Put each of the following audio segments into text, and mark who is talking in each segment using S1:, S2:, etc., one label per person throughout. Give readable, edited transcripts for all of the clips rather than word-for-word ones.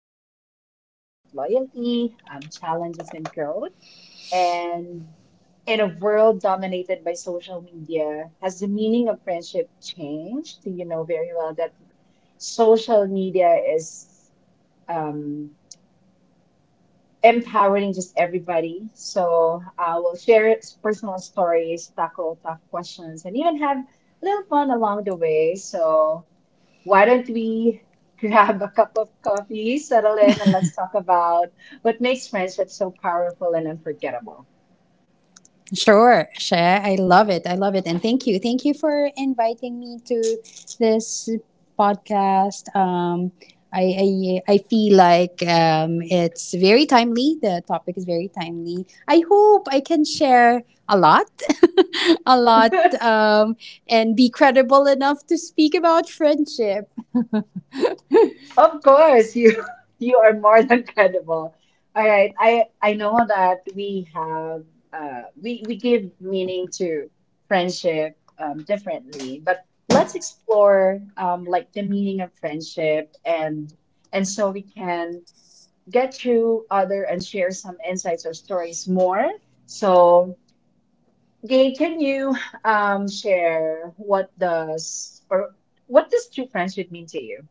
S1: How do we navigate loyalty, challenges, and growth? And in a world dominated by social media, has the meaning of friendship changed? You know very well that social media is um, empowering just everybody. So I will share its personal stories, tackle tough questions, and even have a little fun along the way. So why don't we grab a cup of coffee, settle in, and let's talk about what makes friendship so powerful and unforgettable.
S2: Sure, Share. I love it. I love it. And thank you. Thank you for inviting me to this podcast. I, I feel like it's very timely. The topic is very timely. I hope I can share a lot, a lot, um, and be credible enough to speak about friendship.
S1: Of course, you you are more than credible. All right, I know that we have we give meaning to friendship differently, but let's explore like the meaning of friendship and so we can get through other and share some insights or stories more. So, Gay, can you share what does or what does true friendship mean to you?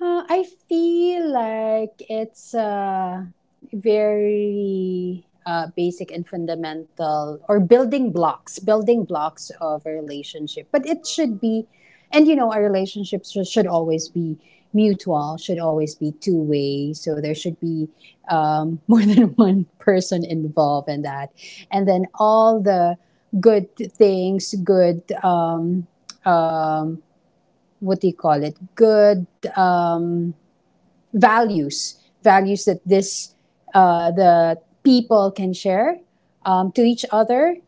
S2: I feel like it's very basic and fundamental, or building blocks of a relationship. But it should be, and you know, our relationships should always be mutual, should always be two way. So there should be more than one person involved in that. And then all the good things, good, um, what do you call it? Good. Um, values that this the people can share to each other.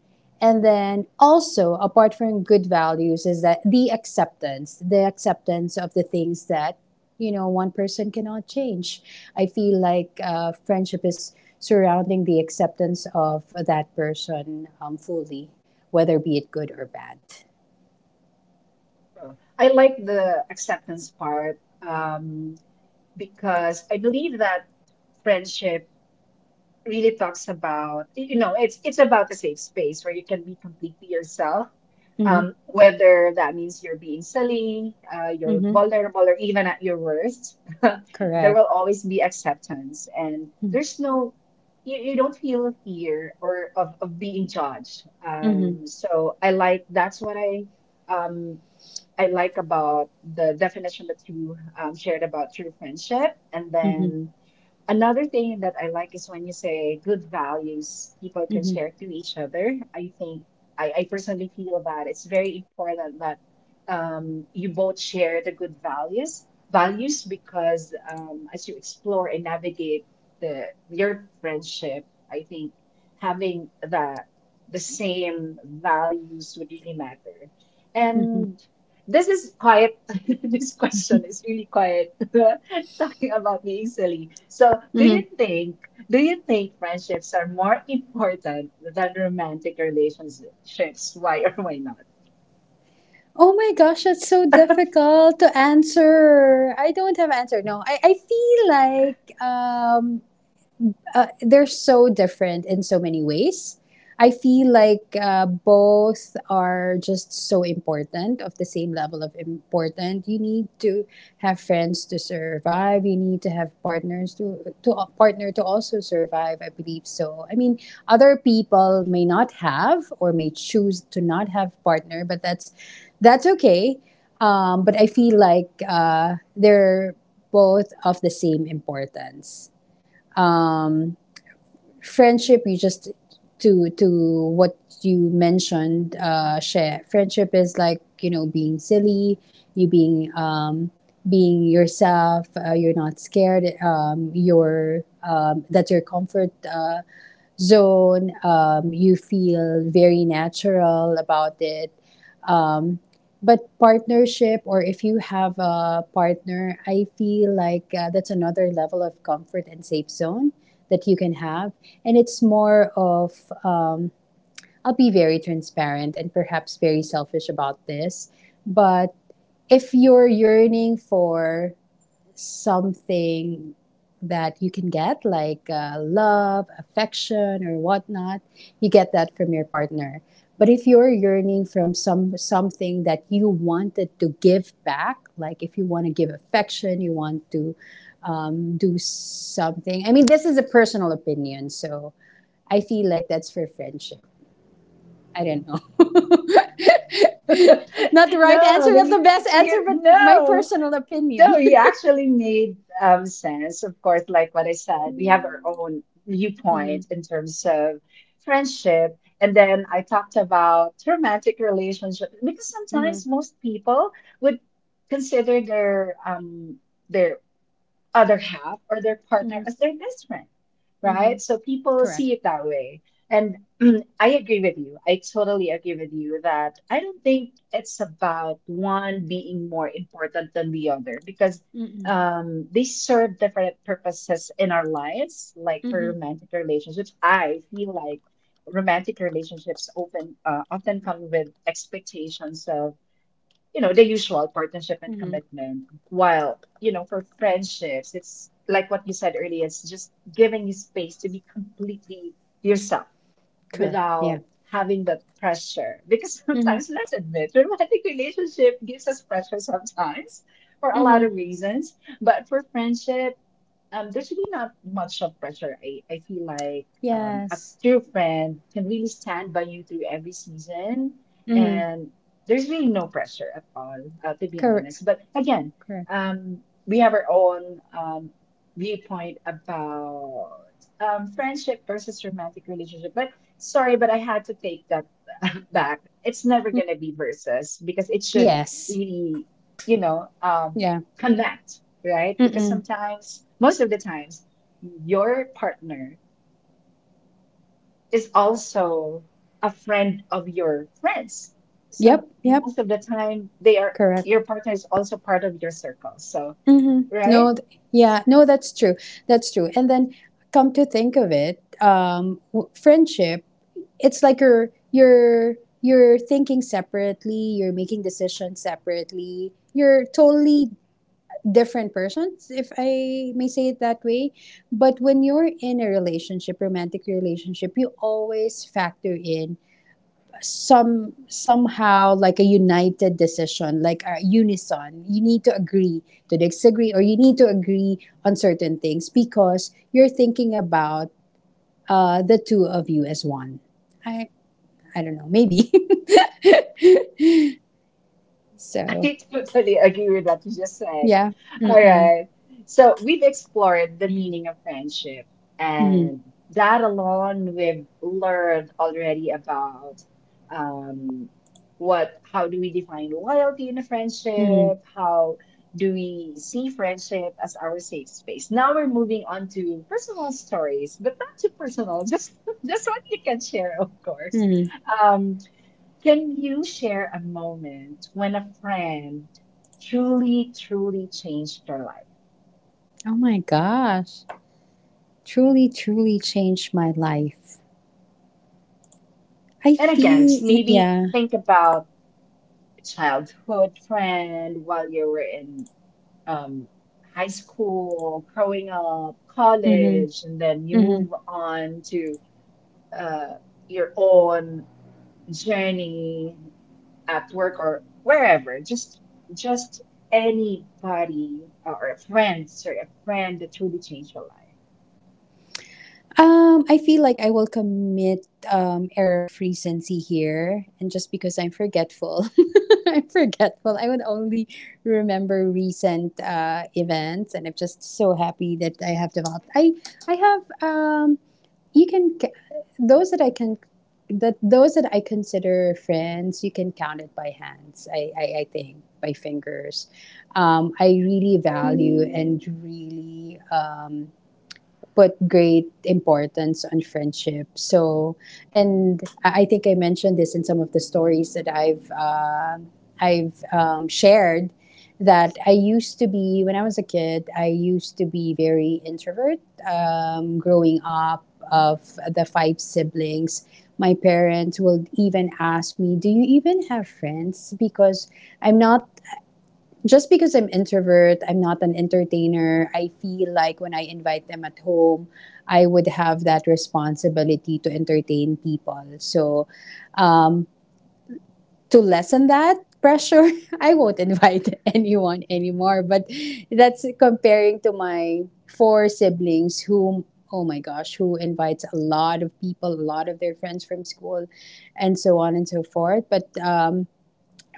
S2: And then also, apart from good values, is that the acceptance of the things that, you know, one person cannot change. I feel like friendship is surrounding the acceptance of that person fully, whether be it good or bad.
S1: Uh, I like the acceptance part because I believe that friendship really talks about, you know, it's about a safe space where you can be completely yourself.
S2: Mm-hmm.
S1: Whether that means you're being silly, you're
S2: Mm-hmm.
S1: vulnerable, or even at your worst, there
S2: Correct.
S1: will always be acceptance, and
S2: Mm-hmm.
S1: there's no, you don't feel fear or of being judged.
S2: Mm-hmm.
S1: So I like that's what um I like about the definition that you shared about true friendship. And
S2: Mm-hmm.
S1: then another thing that I like is when you say good values people can
S2: Mm-hmm.
S1: share to each other. I think I personally feel that it's very important that you both share the good values because as you explore and navigate the your friendship, I think having the same values would really matter.
S2: Mm-hmm.
S1: And this is quiet. This question is really quiet. Talking about being silly. So, do you think friendships are more important than romantic relationships? Why or why not?
S2: Oh my gosh, that's so difficult to answer. I don't have answer. No, I feel like they're so different in so many ways. I feel like both are just so important, of the same level of important. You need to have friends to survive. You need to have partners to a partner to also survive. I believe so. I mean, other people may not have or may choose to not have partner, but that's okay. But I feel like they're both of the same importance. Um, Friendship you just to what you mentioned, share, friendship is like, you know, being silly, you being being yourself, you're not scared, you're that's your comfort zone, you feel very natural about it. um, but partnership, or if you have a partner, I feel like that's another level of comfort and safe zone that you can have. And it's more of, I'll be very transparent and perhaps very selfish about this, but if you're yearning for something that you can get, like love, affection, or whatnot. You get that from your partner. But if you're yearning from something that you wanted to give back, like if you want to give affection, you want to do something. I mean, this is a personal opinion, so I feel like that's for friendship. I don't know. Not the right
S1: No,
S2: answer, not
S1: they,
S2: the best answer,
S1: you
S2: but my
S1: no.
S2: personal opinion.
S1: No, you actually made sense. Of course, like what I said, we have our own viewpoint
S2: Mm-hmm.
S1: in terms of friendship. And then I talked about romantic relationships because
S2: Mm-hmm.
S1: sometimes most people would consider their other half or their partner
S2: Mm-hmm.
S1: as their best friend,
S2: Mm-hmm.
S1: right? So people
S2: Correct.
S1: see it that way. And I agree with you. I totally agree with you that I don't think it's about one being more important than the other because
S2: Mm-mm.
S1: they serve different purposes in our lives, like for
S2: Mm-hmm.
S1: romantic relationships. I feel like romantic relationships often often come with expectations of you know, the usual partnership and
S2: Mm-hmm.
S1: commitment. While, you know, for friendships, it's like what you said earlier, it's just giving you space to be completely yourself
S2: Correct. Yeah.
S1: without having the pressure. Because
S2: Mm-hmm.
S1: sometimes, let's admit, romantic relationship gives us pressure sometimes for a lot
S2: Mm-hmm.
S1: of reasons. But for friendship, there's really not much of pressure. I feel like a
S2: Yes.
S1: true friend can really stand by you through every season,
S2: Mm-hmm.
S1: and there's really no pressure at all, to be
S2: Correct.
S1: honest. But again,
S2: Correct.
S1: we have our own viewpoint about friendship versus romantic relationship. But sorry, but I had to take that back. It's never
S2: Mm.
S1: gonna be versus because it should
S2: Yes.
S1: really, you know,
S2: Yeah.
S1: connect right? Because
S2: Mm-mm.
S1: sometimes, most of the times, your partner is also a friend of your friends.
S2: Yep.
S1: Some
S2: Yep.
S1: most of the time, they are
S2: Correct.
S1: your partner is also part of your circle. So,
S2: Mm-hmm.
S1: right?
S2: No. Yeah. No, that's true. That's true. And then come to think of it, friendship, it's like you're thinking separately, you're making decisions separately, you're totally different persons, if I may say it that way. But when you're in a relationship, romantic relationship, you always factor in somehow like a united decision, like a unison. You need to agree to disagree, or you need to agree on certain things because you're thinking about the two of you as one. I I don't know, maybe. So
S1: I totally agree with what you just said.
S2: yeah.
S1: All
S2: Mm-mm.
S1: right. So we've explored the meaning of friendship,
S2: Mm-hmm.
S1: and that alone we've learned already about um, what, how do we define loyalty in a
S2: Mm-hmm.
S1: friendship? How do we see friendship as our safe space? Now we're moving on to personal stories, but not too personal, just just what you can share, of course.
S2: Mm-hmm.
S1: Um, can you share a moment when a friend truly, truly changed your life?
S2: Oh my gosh. Truly, truly changed my life. I
S1: And again,
S2: feel,
S1: maybe
S2: yeah.
S1: think about a childhood friend while you were in um, high school, growing up,
S2: Mm-hmm.
S1: college, and then you
S2: Mm-hmm.
S1: move on to uh, your own journey at work or wherever. Just anybody or a friend, sorry, a friend that truly changed your life.
S2: I feel like I will commit error frequency here, and just because I'm forgetful, I'm forgetful. I would only remember recent events, and I'm just so happy that I have developed. I have um you can ca- those that I can that Those that I consider friends, you can count it by hands. I think by fingers. I really value and really put great importance on friendship. So, and I think I mentioned this in some of the stories that I've shared. That I used to be when I was a kid. I used to be very introvert. Growing up, of the five siblings, my parents will even ask me, "Do you even have friends?" Because I'm not just because I'm introvert, I'm not an entertainer. I feel like when I invite them at home, I would have that responsibility to entertain people. So, um, to lessen that pressure, I won't invite anyone anymore. But that's comparing to my four siblings, whom, oh my gosh, who invites a lot of people, a lot of their friends from school, and so on and so forth. But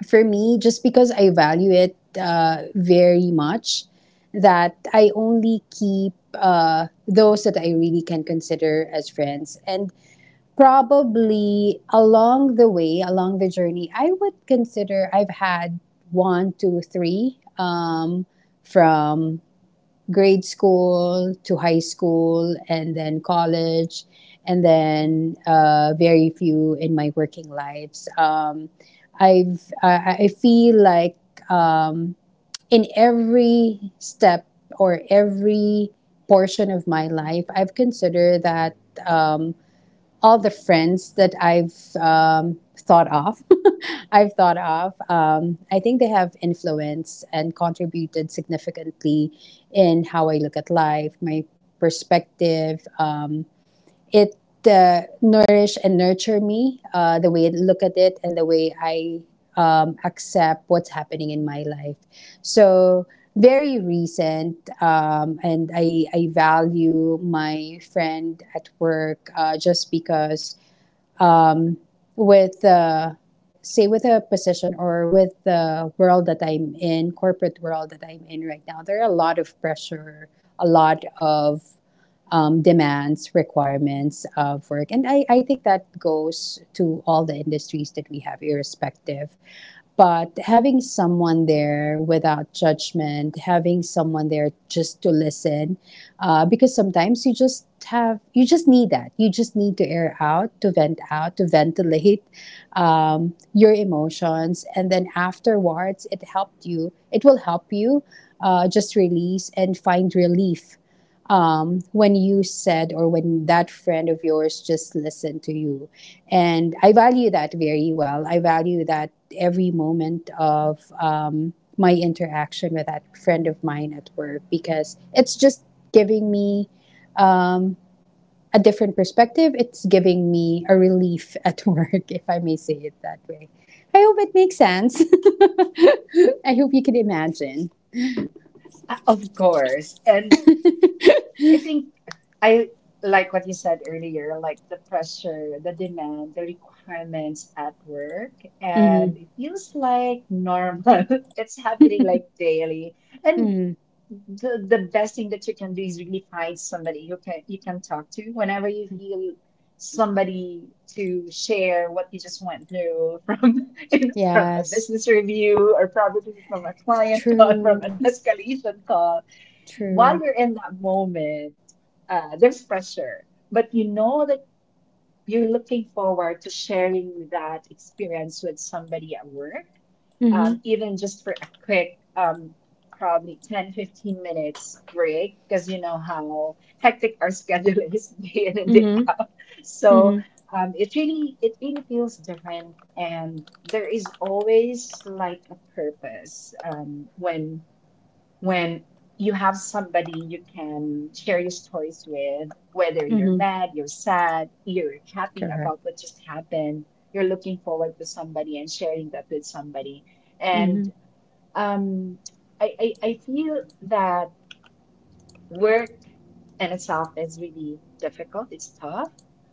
S2: for me, just because I value it very much, that I only keep those that I really can consider as friends. And probably along the way, along the journey, I would consider I've had one, two, three from grade school to high school and then college and then very few in my working lives, I feel like um, in every step or every portion of my life, I've considered that um, all the friends that I've um, thought of I've thought of. I think they have influenced and contributed significantly in how I look at life, my perspective. It Nourish and nurture me, the way I look at it and the way I accept what's happening in my life. So very recent, and I value my friend at work just because with say with a position or with the world that I'm in, corporate world that I'm in right now, there are a lot of pressure, a lot of demands, requirements of work, I think that goes to all the industries that we have, irrespective. But having someone there without judgment, having someone there just to listen, because sometimes you just need that. You just need to air out, to vent out, to ventilate your emotions. And then afterwards, it will help you just release and find relief when you said or when that friend of yours just listened to you. And I value that very well. I value that every moment of my interaction with that friend of mine at work because it's just giving me um, a different perspective. It's giving me a relief at work, if I may say it that way. I hope it makes sense. I hope you can imagine.
S1: Of course. And I think I like what you said earlier, like the pressure, the demand, the requirements at work. And
S2: Mm-hmm.
S1: it feels like normal. It's happening like daily. And
S2: Mm-hmm.
S1: the best thing that you can do is really find somebody you can talk to whenever you feel somebody to share what you just went through from you know, from a
S2: Yes.
S1: business review or probably from a client call, from an
S2: True.
S1: escalation call while
S2: True.
S1: you're in that moment, there's pressure, but you know that you're looking forward to sharing that experience with somebody at work,
S2: Mm-hmm.
S1: even just for a quick, probably 10, 15 minutes break, because you know how hectic our schedule is day in and day
S2: Mm-hmm.
S1: out. So
S2: Mm-hmm.
S1: it really feels different, and there is always like a purpose when you have somebody you can share your stories with, whether you're
S2: Mm-hmm.
S1: mad, you're sad, you're happy
S2: Correct.
S1: about what just happened, you're looking forward to somebody and sharing that with somebody. And
S2: Mm-hmm.
S1: um, I feel that work in itself is really difficult, it's tough.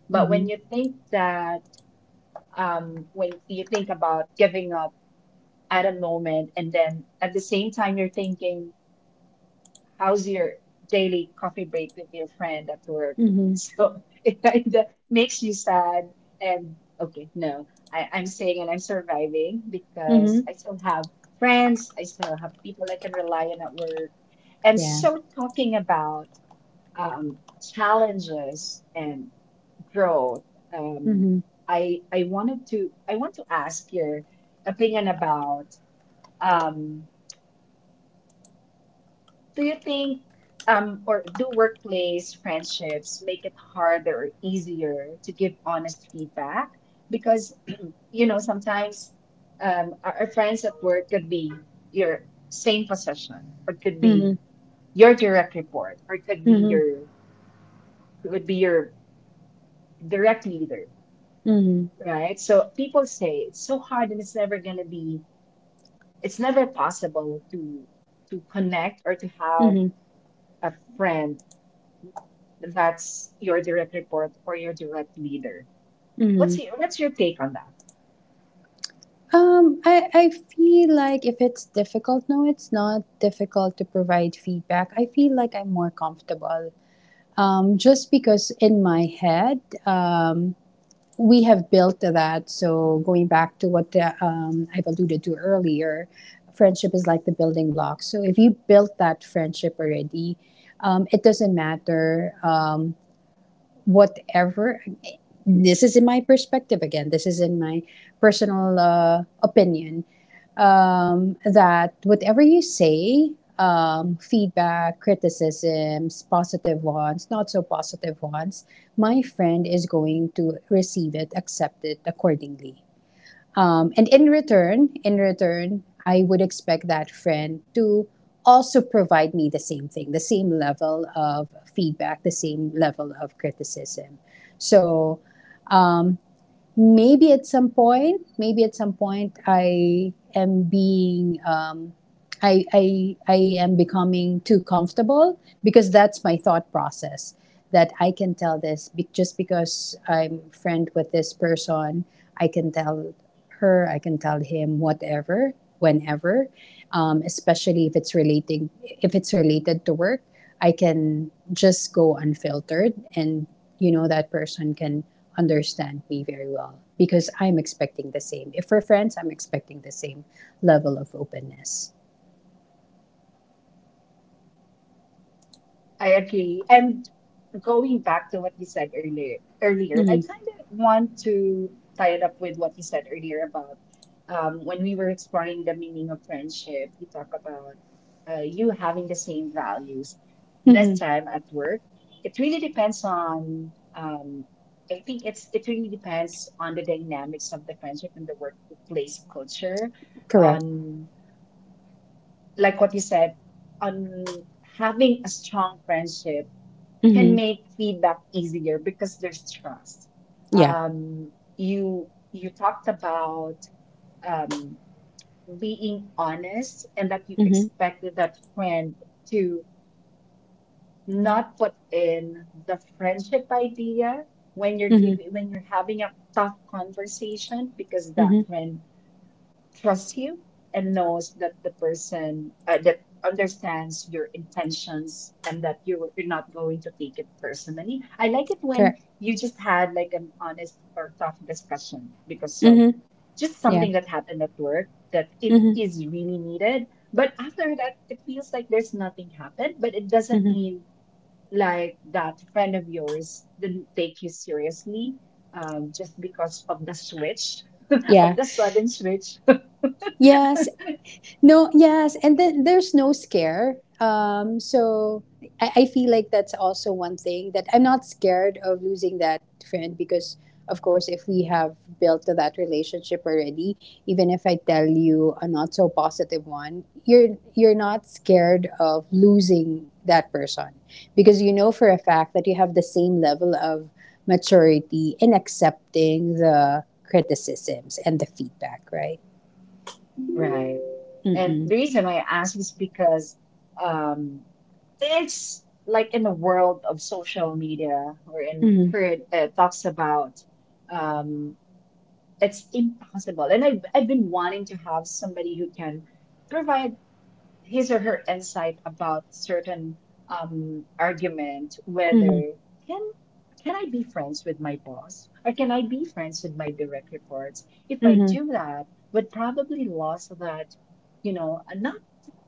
S1: But when
S2: Mm-hmm.
S1: you think that, when you think about giving up at a moment, and then at the same time, you're thinking, how's your daily coffee break with your friend at work?
S2: Mhm.
S1: So it kind of makes you sad. And okay, no, I'm saying and I'm surviving because
S2: Mhm.
S1: I still have friends, I still have people I can rely on at work. And
S2: Yeah.
S1: so talking about um, challenges and growth, um,
S2: Mhm.
S1: I want to ask your opinion about um, do you think, or do workplace friendships make it harder or easier to give honest feedback? Because, you know, sometimes our friends at work could be your same position, or it could be
S2: Mhm.
S1: your direct report, or it
S2: Mhm.
S1: could be your direct leader,
S2: Mhm.
S1: right? So people say it's so hard and it's never possible to connect or to have
S2: Mhm.
S1: a friend that's your direct report or your direct leader.
S2: Mhm.
S1: What's your take on that?
S2: I I feel like if it's difficult, no, it's not difficult to provide feedback. I feel like I'm more comfortable. Just because in my head, um, we have built to that. So going back to what I've alluded to earlier, friendship is like the building block. So if you built that friendship already, it doesn't matter whatever. This is in my perspective, again, this is in my personal opinion, that whatever you say, feedback, criticisms, positive ones, not so positive ones, my friend is going to receive it, accept it accordingly. And in return, I would expect that friend to also provide me the same thing, the same level of feedback, the same level of criticism. So um, maybe at some point, maybe at some point, I am being, I am becoming too comfortable because that's my thought process that I can tell just because I'm friend with this person, I can tell her, I can tell him whatever, whenever, especially if if it's related to work. I can just go unfiltered and you know that person can understand me very well because I'm expecting the same. If we're friends, I'm expecting the same level of openness.
S1: I agree. And going back to what you said earlier, earlier, and I
S2: Mm-hmm.
S1: kind of want to tie it up with what you said earlier about when we were exploring the meaning of friendship, you talk about you having the same values. This
S2: Mm-hmm.
S1: time at work, it really depends on. I think it's it really depends on the dynamics of the friendship and the workplace culture.
S2: Correct.
S1: On like what you said, on having a strong friendship can
S2: Mm-hmm.
S1: make feedback easier because there's trust.
S2: Yeah.
S1: You talked about um, being honest and that you
S2: Mm-hmm.
S1: expected that friend to not put in the friendship idea when you're
S2: Mm-hmm.
S1: giving when you're having a tough conversation because that
S2: Mm-hmm.
S1: friend trusts you and knows that the person that understands your intentions and that you're not going to take it personally. I like it when
S2: Correct.
S1: you just had like an honest or tough discussion because so
S2: Mm-hmm.
S1: just
S2: Yeah.
S1: something that happened at work that it
S2: Mm-hmm.
S1: is really needed. But after that, it feels like there's nothing happened, but it doesn't
S2: Mm-hmm.
S1: mean like that friend of yours didn't take you seriously just because of the switch, of
S2: Yeah.
S1: the sudden switch
S2: Yes. No, yes, and then there's no scare. So I feel like that's also one thing, that I'm not scared of losing that friend because, of course, if we have built that relationship already, even if I tell you a not so positive one, you're not scared of losing that person because you know for a fact that you have the same level of maturity in accepting the criticisms and the feedback, right?
S1: Right. And
S2: Mm-mm.
S1: the reason why I ask is because um, it's like in the world of social media or in
S2: Mm-hmm.
S1: current talks about um, it's impossible. And I've been wanting to have somebody who can provide his or her insight about certain argument,
S2: Mm-hmm.
S1: whether can can I be friends with my boss or can I be friends with my direct reports? If I
S2: Mm-hmm.
S1: do that, would probably lose that, you know, not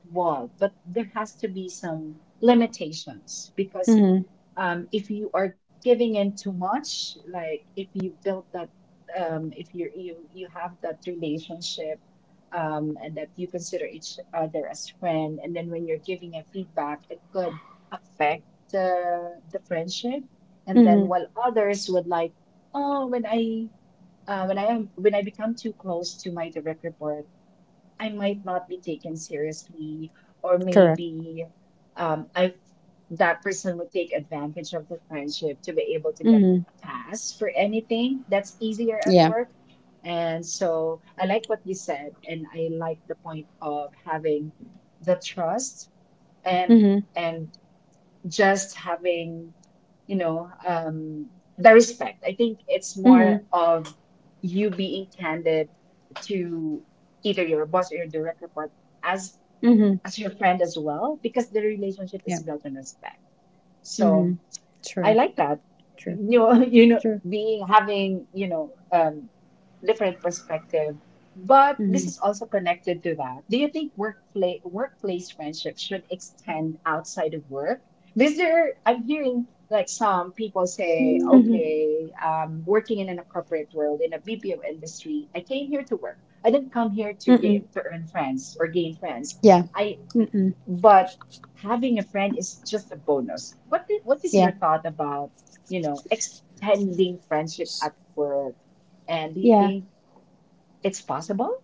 S1: wall, but there has to be some limitations because
S2: Mm-hmm.
S1: if you are giving in too much, like if you build that, if you you have that relationship, and that you consider each other as friend, and then when you're giving a feedback, it could affect the friendship. And then
S2: Mm-hmm.
S1: while others would like, oh, when I become too close to my direct report. I might not be taken seriously, or
S2: Correct.
S1: maybe I that person would take advantage of the friendship to be able to get
S2: Mm-hmm.
S1: a pass for anything that's easier at
S2: Yeah.
S1: work. And so I like what you said, and I like the point of having the trust and
S2: Mm-hmm.
S1: and just having, you know, um, the respect. I think it's more
S2: Mm-hmm.
S1: of you being candid to either your boss or your direct report as
S2: Mm-hmm.
S1: as your friend as well, because the relationship
S2: Yeah.
S1: is built on respect.
S2: Mm-hmm.
S1: So I
S2: True.
S1: like that.
S2: True.
S1: You know, you know,
S2: True.
S1: being having, different perspective. But this
S2: Mm-hmm.
S1: is also connected to that. Do you think workplace friendships should extend outside of work? Because there, I'm hearing like some people say,
S2: Mm-hmm.
S1: okay, working in a corporate world in a BPO industry, I came here to work. I didn't come here to
S2: Mm-mm.
S1: get to earn friends or gain friends.
S2: Yeah.
S1: I
S2: Mm-mm.
S1: but having a friend is just a bonus. What is your
S2: Yeah.
S1: thought about, extending friendship
S2: S-
S1: at work? And do you
S2: Yeah.
S1: think it's possible?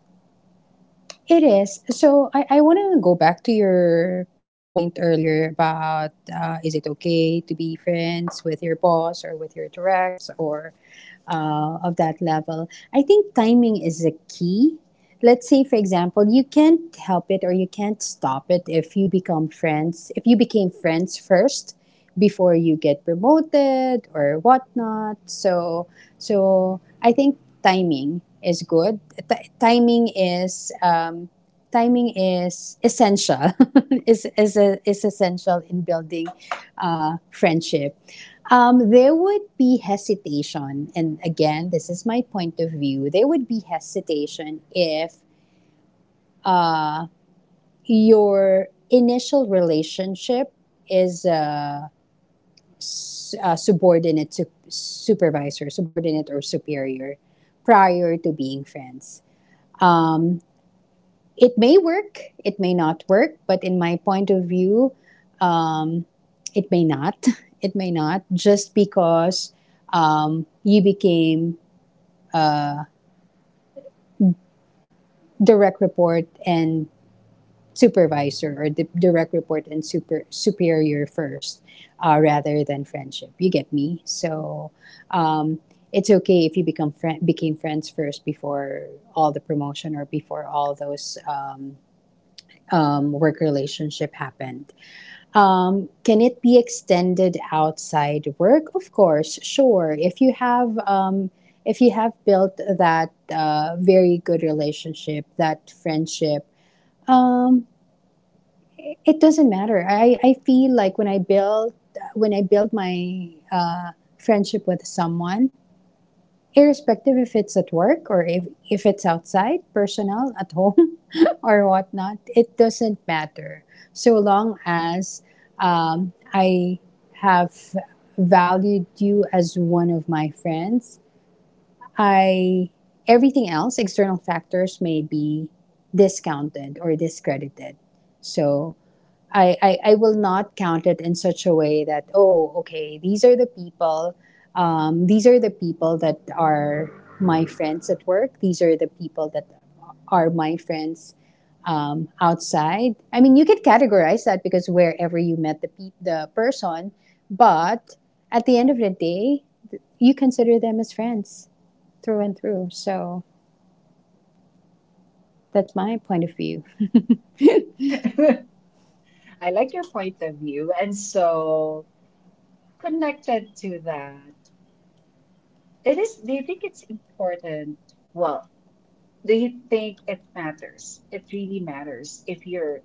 S2: It is. So I want to go back to your point earlier about, is it okay to be friends with your boss or with your directs or of that level. I think timing is a key. Let's say, for example, you can't help it or you can't stop it if you become friends, if you became friends first before you get promoted or whatnot. So, so I think timing is good. Timing is timing is essential. Is essential in building friendship. There would be hesitation, and again, this is my point of view. There would be hesitation if uh, your initial relationship is subordinate to supervisor, subordinate or superior, prior to being friends. Um, it may work, it may not work, but in my point of view, um, it may not. It may not just because you became direct report and supervisor or direct report and superior first rather than friendship you get me. So um, it's okay if you become friend became friends first before all the promotion or before all those work relationship happened. Can it be extended outside work? Of course, sure. If you have built that very good relationship, that friendship, um, it doesn't matter. I feel like when I build my friendship with someone, irrespective if it's at work or if it's outside, personal at home or whatnot, it doesn't matter. So long as I have valued you as one of my friends, I everything else external factors may be discounted or discredited. So I will not count it in such a way that, oh, okay, these are the people, these are the people that are my friends at work. These are the people that are my friends outside. I mean, you could categorize that because wherever you met the person, but at the end of the day, you consider them as friends through and through. So that's my point of view.
S1: I like your point of view. And so connected to that, it is, do you think it's important? Well, do you think it matters? It really matters if you're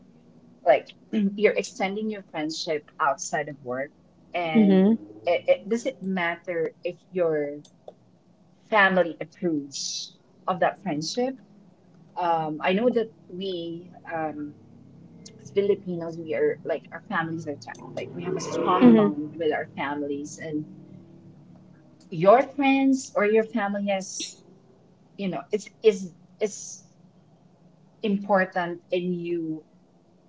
S1: like you're extending your friendship outside of work and
S2: Mm-hmm.
S1: does it matter if you're family approves of that friendship. I know that we, as Filipinos, we are like our families are tight. Like we have a strong
S2: Mm-hmm.
S1: bond with our families, and your friends or your family has, it's is important in you.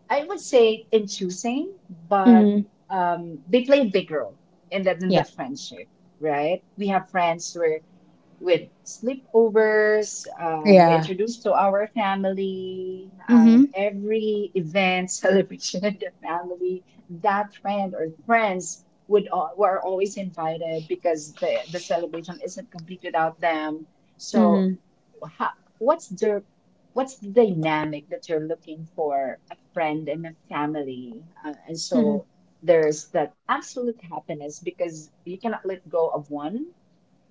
S1: I would say in choosing, but
S2: Mm-hmm.
S1: they play a big role in that in
S2: Yeah.
S1: that friendship, right? We have friends where with sleepovers, we
S2: Yeah.
S1: introduced to our family,
S2: Mm-hmm.
S1: every event, celebration in the family, that friend or friends would were always invited because the celebration isn't complete without them. So
S2: Mm-hmm.
S1: how, what's the what's the dynamic that you're looking for a friend and a family? And
S2: Mm-hmm.
S1: so there's that absolute happiness because you cannot let go of one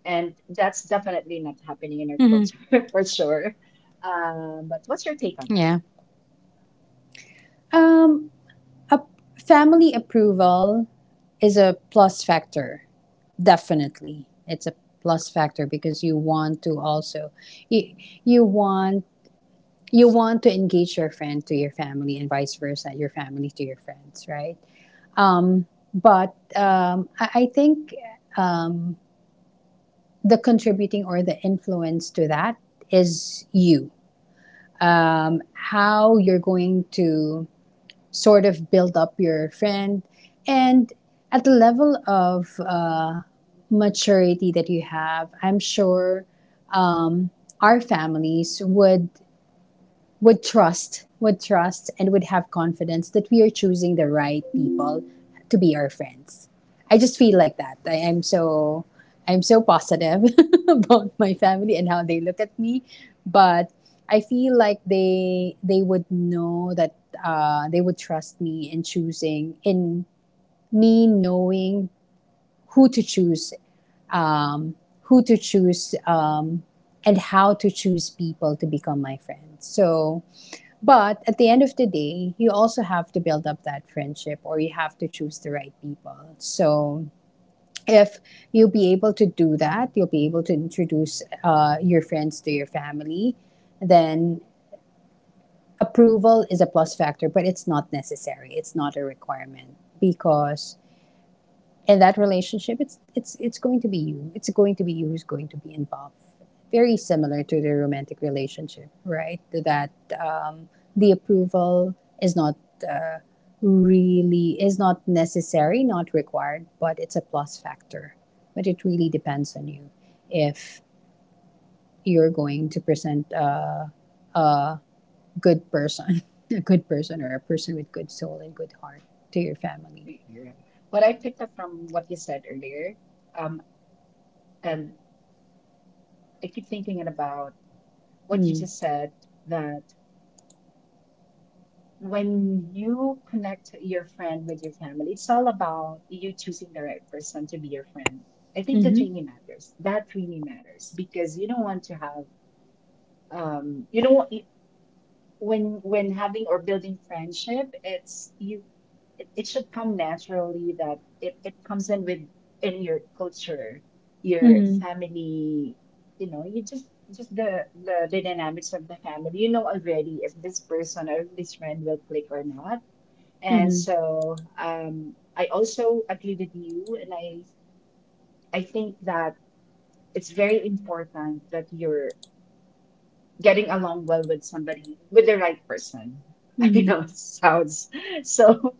S1: and that's definitely not happening in our
S2: Mm-hmm.
S1: culture for sure. But what's your take on that?
S2: Yeah. Um, a family approval is a plus factor. Definitely, it's a plus factor because you want to also you, you want you want to engage your friend to your family and vice versa, your family to your friends, right? Um, but I think um, the contributing or the influence to that is you. How you're going to sort of build up your friend and at the level of maturity that you have, I'm sure um, our families would would trust, and would have confidence that we are choosing the right people to be our friends. I just feel like that. I am so I'm so positive about my family and how they look at me, but I feel like they would know that they would trust me in choosing in me knowing who to choose, um, who to choose, and how to choose people to become my friends. So but at the end of the day, you also have to build up that friendship or you have to choose the right people. So if you'll be able to do that, you'll be able to introduce your friends to your family, then approval is a plus factor, but it's not necessary. It's not a requirement because in that relationship, it's going to be you. It's going to be you who's going to be involved. Very similar to the romantic relationship, right? That um, the approval is not uh, really is not necessary, not required, but it's a plus factor. But it really depends on you if you're going to present a good person, a good person, or a person with good soul and good heart to your family.
S1: Yeah. What I picked up from what you said earlier, um, and I keep thinking about what you
S2: Mm.
S1: just said that when you connect your friend with your family, it's all about you choosing the right person to be your friend. I think that
S2: Mm-hmm.
S1: really matters. That really matters because you don't want to have, you don't want, when having or building friendship, it's you it should come naturally that it comes in with in your culture your
S2: Mm-hmm.
S1: family you know you just the, the dynamics of the family you know already if this person or if this friend will click or not, and
S2: Mm-hmm.
S1: so, um, I also agree with you, and I think that it's very important that you're getting along well with somebody with the right person. I
S2: Mm-hmm.
S1: know it sounds so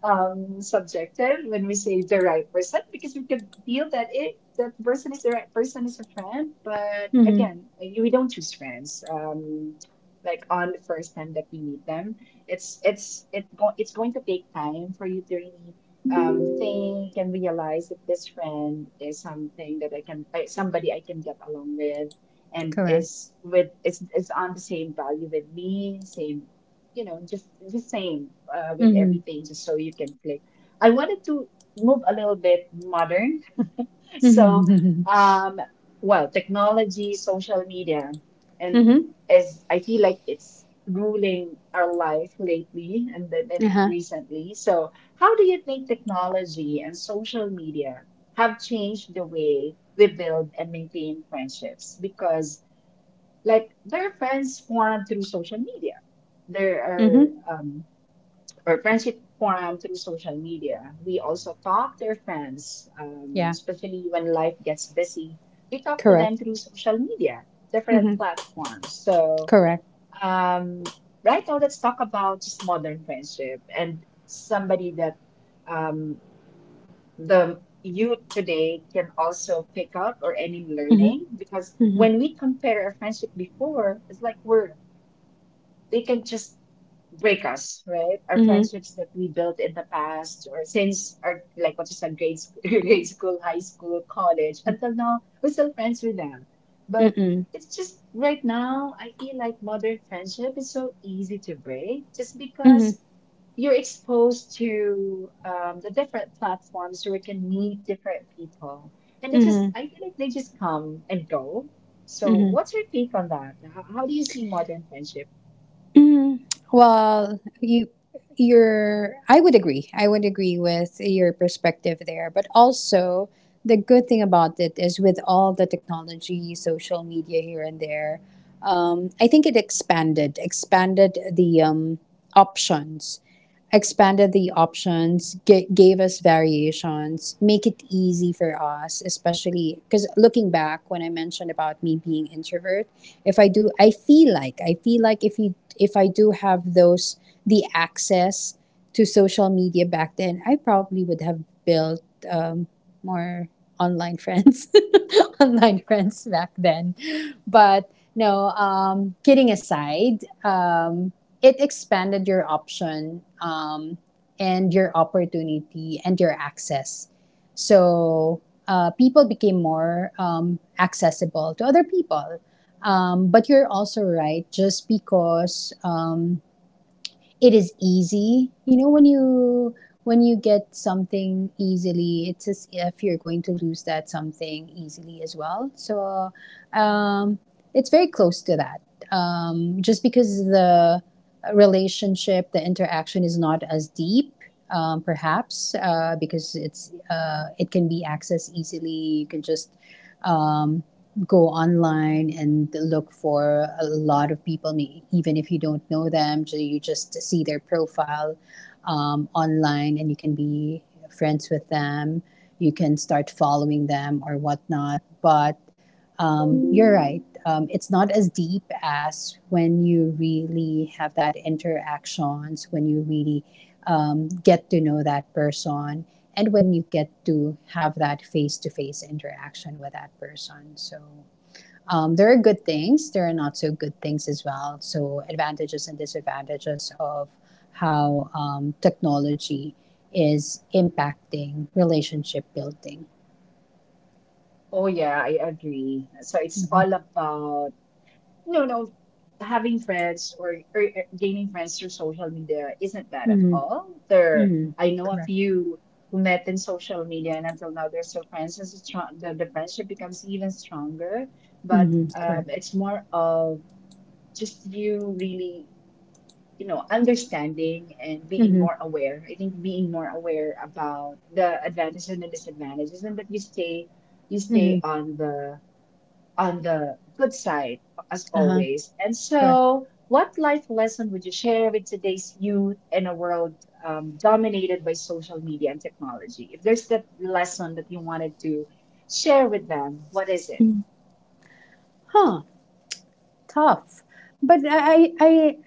S1: subjective when we say the right person because we could feel that it that the person is the right person is a friend, but
S2: Mm-hmm.
S1: again, we don't choose friends. Like on the first time that we meet them, it's going to take time for you to really think and realize if this friend is something that I can somebody I can get along with and
S2: Correct.
S1: is with is on the same value with me, same, you know, just the same with
S2: Mm-hmm.
S1: everything, just so you can play. I wanted to move a little bit modern. So,
S2: Mm-hmm.
S1: um, well, technology, social media, and
S2: Mm-hmm.
S1: as I feel like it's ruling our life lately and then
S2: Uh-huh.
S1: recently. So, how do you think technology and social media have changed the way we build and maintain friendships? Because, like, there are friends formed through social media, there
S2: Mm-hmm.
S1: are um, or friendship forum through social media. We also talk to our friends,
S2: Yeah.
S1: especially when life gets busy. We talk to
S2: Correct.
S1: them through social media, different
S2: Mm-hmm.
S1: platforms. So,
S2: Correct.
S1: um, right now, let's talk about just modern friendship and somebody that um, the youth today can also pick up or any learning
S2: Mm-hmm.
S1: because
S2: Mm-hmm.
S1: when we compare our friendship before, it's like we're they can just break us, right? Our
S2: Mm-hmm.
S1: friendships that we built in the past or since our like what you said, grade school, high school, college, until now, we're still friends with them. But
S2: Mm-hmm.
S1: it's just right now, I feel like modern friendship is so easy to break just
S2: Mm-hmm.
S1: because you're exposed to the different platforms where you can meet different people. And it
S2: Mm-hmm.
S1: just, I feel like they just come and go. So,
S2: Mm-hmm.
S1: what's your take on that? How do you see modern friendship?
S2: Mm. Well, you your I would agree. I would agree with your perspective there. But also the good thing about it is with all the technology, social media here and there, I think it expanded the options expanded the options, gave us variations, make it easy for us, especially because looking back when I mentioned about me being introvert, if I do, I feel like if you if I do have those the access to social media back then, I probably would have built um, more online friends, online friends back then. But no, kidding aside. It expanded your option and your opportunity and your access. So people became more accessible to other people. But you're also right, just because it is easy. You know, when you get something easily, it's as if you're going to lose that something easily as well. So um, it's very close to that. Just because the relationship, the interaction is not as deep, perhaps because it's it can be accessed easily. You can just um, go online and look for a lot of people, even if you don't know them. You just see their profile online and you can be friends with them. You can start following them or whatnot. But you're right. It's not as deep as when you really have that interactions, when you really get to know that person and when you get to have that face to face interaction with that person. So there are good things, there are not so good things as well. So advantages and disadvantages of how technology is impacting relationship building.
S1: Oh yeah, I agree. So it's
S2: Mm-hmm.
S1: all about no, no, having friends, or gaining friends through social media isn't bad at
S2: Mm-hmm.
S1: all. There,
S2: Mm-hmm.
S1: I know a
S2: Correct.
S1: few who met in social media and until now they're still friends. And strong, the friendship becomes even stronger. But
S2: Mm-hmm. Correct.
S1: it's more of just you really you know understanding and being
S2: Mm-hmm.
S1: more aware. I think being more aware about the advantages and the disadvantages, and that you
S2: Mm-hmm.
S1: stay on the good side, as
S2: Uh huh.
S1: always. And
S2: Correct.
S1: so, what life lesson would you share with today's youth in a world dominated by social media and technology? If there's that lesson that you wanted to share with them, what is it?
S2: Huh. Tough. But I, I,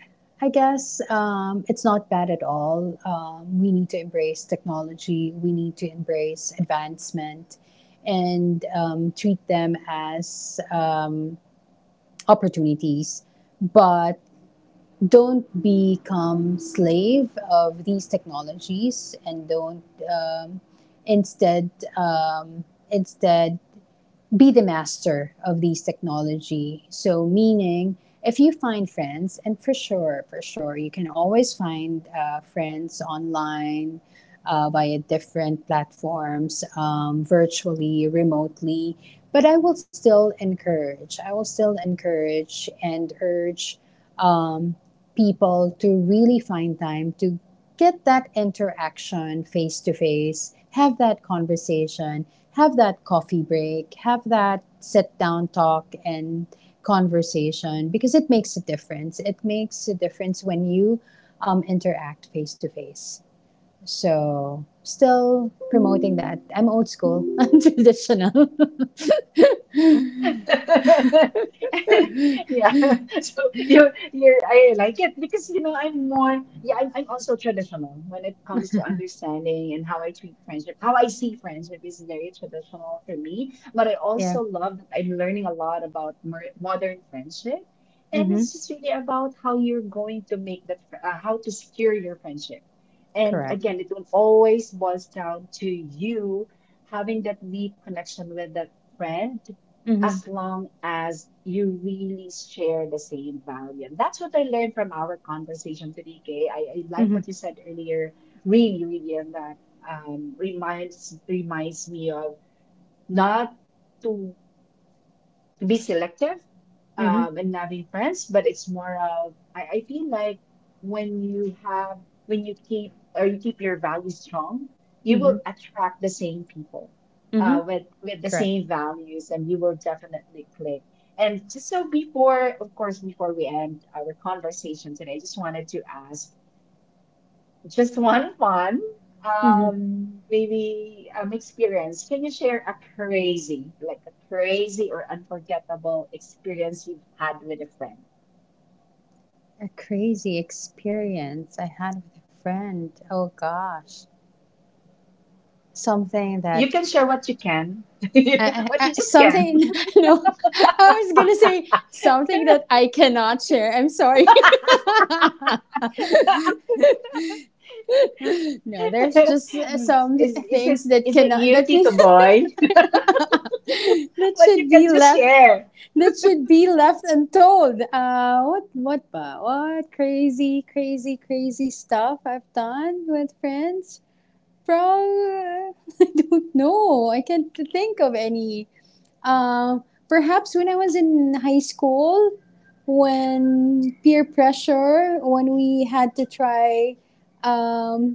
S2: I guess it's not bad at all. We need to embrace technology. We need to embrace advancement, and treat them as opportunities. But don't become slave of these technologies, and don't um, instead um, instead be the master of these technology. So, meaning, if you find friends, and for sure, you can always find friends online via different platforms, virtually, remotely. But I will still encourage, I will still encourage and urge um, people to really find time to get that interaction face to face, have that conversation, have that coffee break, have that sit down talk and conversation because it makes a difference. It makes a difference when you interact face to face. So, still promoting that. I'm old school, I'm traditional.
S1: Yeah, so you I like it because you know I'm more yeah I'm also traditional when it comes to understanding and how I treat friendship. How I see friendship is very traditional for me, but I
S2: Yeah.
S1: also love that I'm learning a lot about mer modern friendship, and
S2: Mm-hmm.
S1: it's just really about how you're going to make that how to secure your friendship. And
S2: Correct.
S1: again, it will always boils down to you having that deep connection with that friend
S2: Mm-hmm.
S1: as long as you really share the same value. And that's what I learned from our conversation today, Kay. I like
S2: Mm-hmm.
S1: what you said earlier, really, really, and that reminds me of not to be selective
S2: Mm-hmm.
S1: in having friends, but it's more of I feel like when you have when you keep or you keep your values strong, you will
S2: Mm-hmm.
S1: attract the same people
S2: Mm-hmm.
S1: with the
S2: Correct.
S1: same values, and you will definitely click. And just so before, of course, before we end our conversation today, I just wanted to ask just one fun,
S2: Mm-hmm.
S1: maybe experience. Can you share a crazy, like a crazy or unforgettable experience you've had with a friend?
S2: A crazy experience I had with a friend. Oh gosh. Something
S1: You
S2: that
S1: can share what you can, what you just
S2: something
S1: can.
S2: no, I was gonna say something that I cannot share, I'm sorry. No, there's just some
S1: Is is it
S2: things that
S1: is it
S2: cannot
S1: you,
S2: that
S1: Tito Boy?
S2: that
S1: What you
S2: should be
S1: can just
S2: left
S1: share.
S2: that should be left untold. What crazy stuff I've done with friends from I don't know, I can't think of any. um, Perhaps when I was in high school, when peer pressure, when we had to try, um,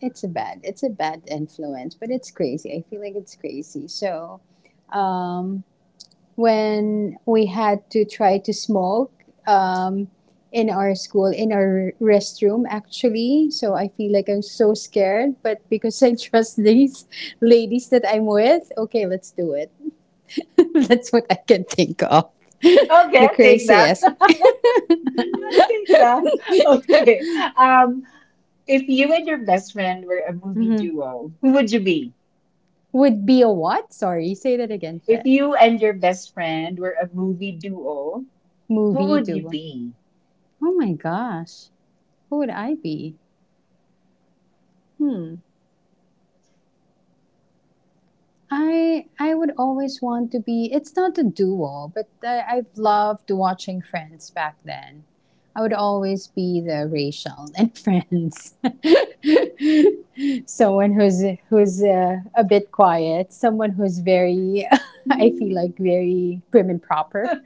S2: it's a bad influence, but it's crazy. I feel like it's crazy. So, um, when we had to try to smoke, um, in our school, in our restroom, actually. So I feel like I'm so scared, but because I trust these ladies that I'm with, okay, let's do it. That's what I can think of.
S1: Okay,
S2: The
S1: I'll take that.
S2: craziest.
S1: Take that. Okay. Um, if you and your best friend were a movie
S2: Mhm.
S1: duo, who would you be?
S2: Would be a what? Sorry, say that again. Sir.
S1: If you and your best friend were a movie duo, who
S2: Movie
S1: would you
S2: too.
S1: be?
S2: Oh my gosh, who would I be? Hmm. I would always want to be. It's not a duo, but I've loved watching Friends back then. I would always be the Rachel in Friends, someone who's who's a bit quiet, someone who's very, I feel like very prim and proper.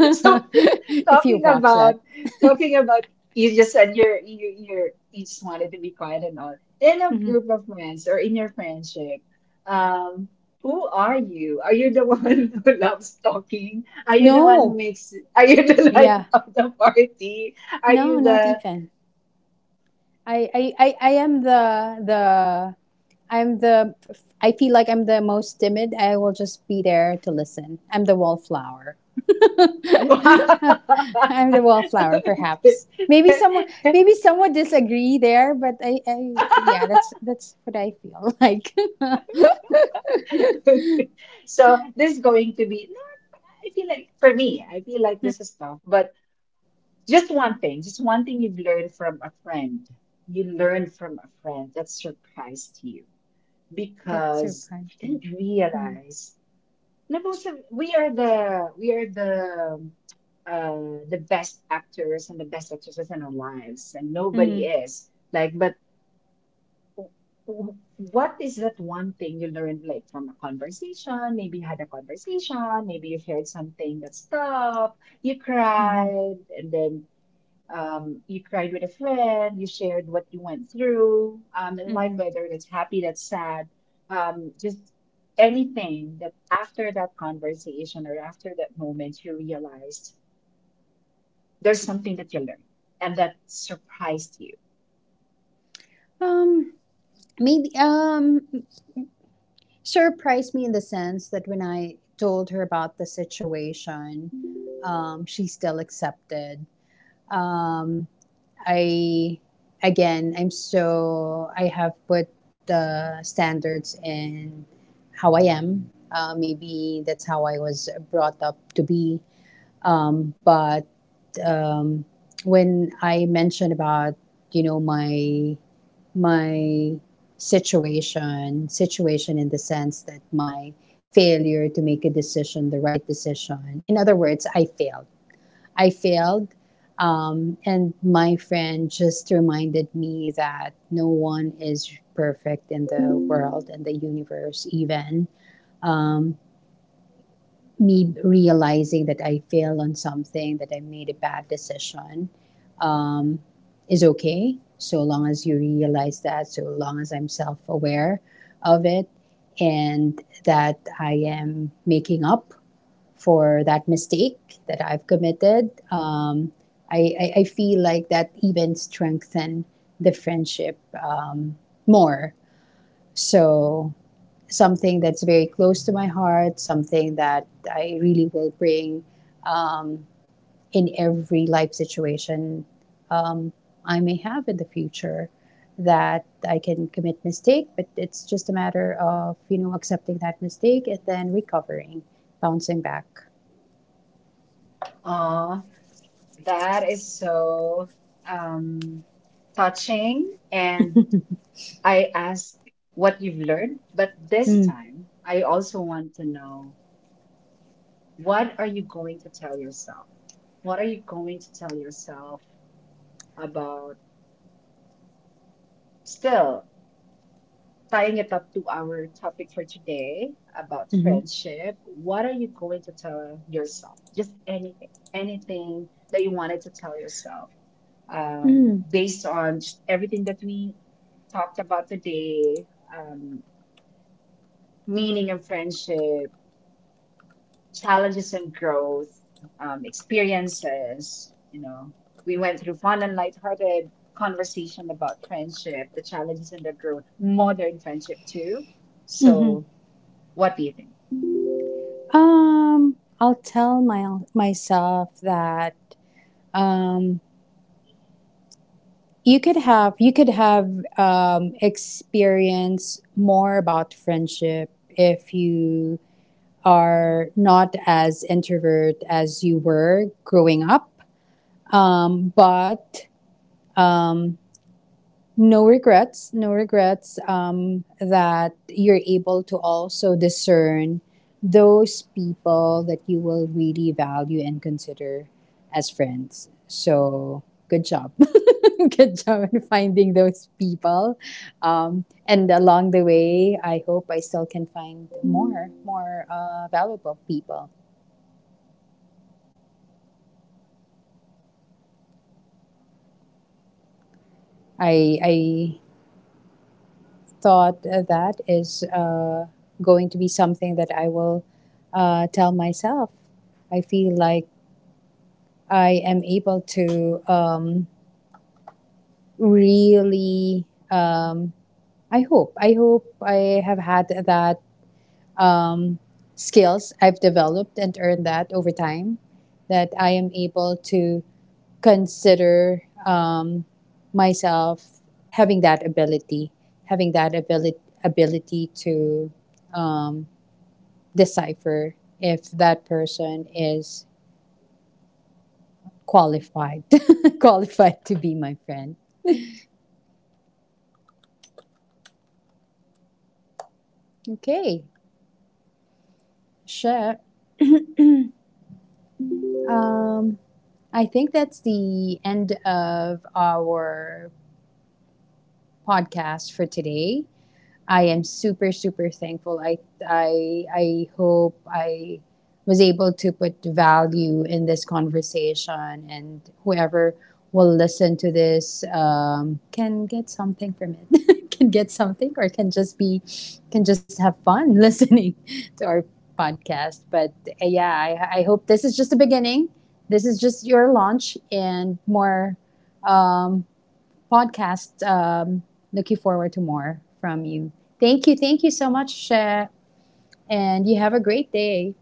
S1: So
S2: you
S1: talking
S2: watch
S1: about
S2: that,
S1: talking about you just said you're you just wanted to be quiet and all. In a
S2: mhm.
S1: group of friends or in your friendship, um, who are you? Are you the one who loves talking? Are you the one who
S2: No,
S1: makes are you the life
S2: yeah,
S1: of the party? Are
S2: no,
S1: you
S2: not
S1: the
S2: even. I am the I'm the I feel like I'm the most timid. I will just be there to listen. I'm the wallflower.
S1: wow.
S2: I'm the wallflower, perhaps. Maybe someone disagree there, but I yeah, that's what I feel like.
S1: So this is going to be, no, I feel like for me, I feel like this is tough, but just one thing you've learned from a friend. You learned from a friend that surprised you
S2: That
S1: because
S2: surprised
S1: you
S2: me.
S1: didn't
S2: Mm.
S1: realize. No, most of- we are the best actors and the best actresses in our lives, and nobody
S2: Mm-hmm.
S1: is like, but what is that one thing you learned like from a conversation maybe you had a conversation maybe you shared something that stuck you
S2: Hmm.
S1: cried and then you cried with a friend you shared what you went through in life
S2: Hmm.
S1: whether that's happy that's sad just anything that after that conversation or after that moment you realized there's something that you learned and that surprised you.
S2: Um, Maybe surprised me in the sense that when I told her about the situation, she still accepted. um, I again, I'm so I have put the standards in how I am. Maybe that's how I was brought up to be. But um, when I mentioned about you know my my situation in the sense that my failure to make a decision the right decision, in other words, I failed. I failed. And my friend just reminded me that no one is perfect in the world and the universe, even. Um, Me realizing that I failed on something, that I made a bad decision, um, is okay. So long as you realize that, so long as I'm self aware of it, and that I am making up for that mistake that I've committed. I feel like that even strengthened the friendship more. So something that's very close to my heart, something that I really will bring um, in every life situation um, I may have in the future. That I can commit mistake, but it's just a matter of you know accepting that mistake and then recovering, bouncing back.
S1: Aw, that is so um, touching. And I ask what you've learned, but this
S2: Hmm.
S1: time I also want to know what are you going to tell yourself? What are you going to tell yourself about still tying it up to our topic for today about
S2: Hmm.
S1: friendship, what are you going to tell yourself? Just anything, anything that you wanted to tell yourself
S2: Hmm.
S1: based on just everything that we talked about today, um, meaning of friendship, challenges and growth, experiences. You know, we went through fun and lighthearted conversation about friendship, the challenges and the growth, modern friendship too. So what do you think?
S2: I'll tell my myself that um, you could have experience more about friendship if you are not as introvert as you were growing up. But um, no regrets, no regrets that you're able to also discern those people that you will really value and consider as friends. So good job. Good job in finding those people. And along the way, I hope I still can find more, more valuable people. I thought that is going to be something that I will tell myself. I feel like I am able to really. I hope. I hope I have had that um, skills I've developed and earned that over time. That I am able to consider myself having that ability, ability to um, decipher if that person is qualified qualified to be my friend. Okay, sure. Um, I think that's the end of our podcast for today. I am super super thankful. I hope I was able to put value in this conversation, and whoever will listen to this can get something from it. Can get something, or can just be can just have fun listening to our podcast. But yeah, I hope this is just the beginning. This is just your launch, and more um, podcast. Looking forward to more from you. Thank you. Thank you so much, Shep. And you have a great day.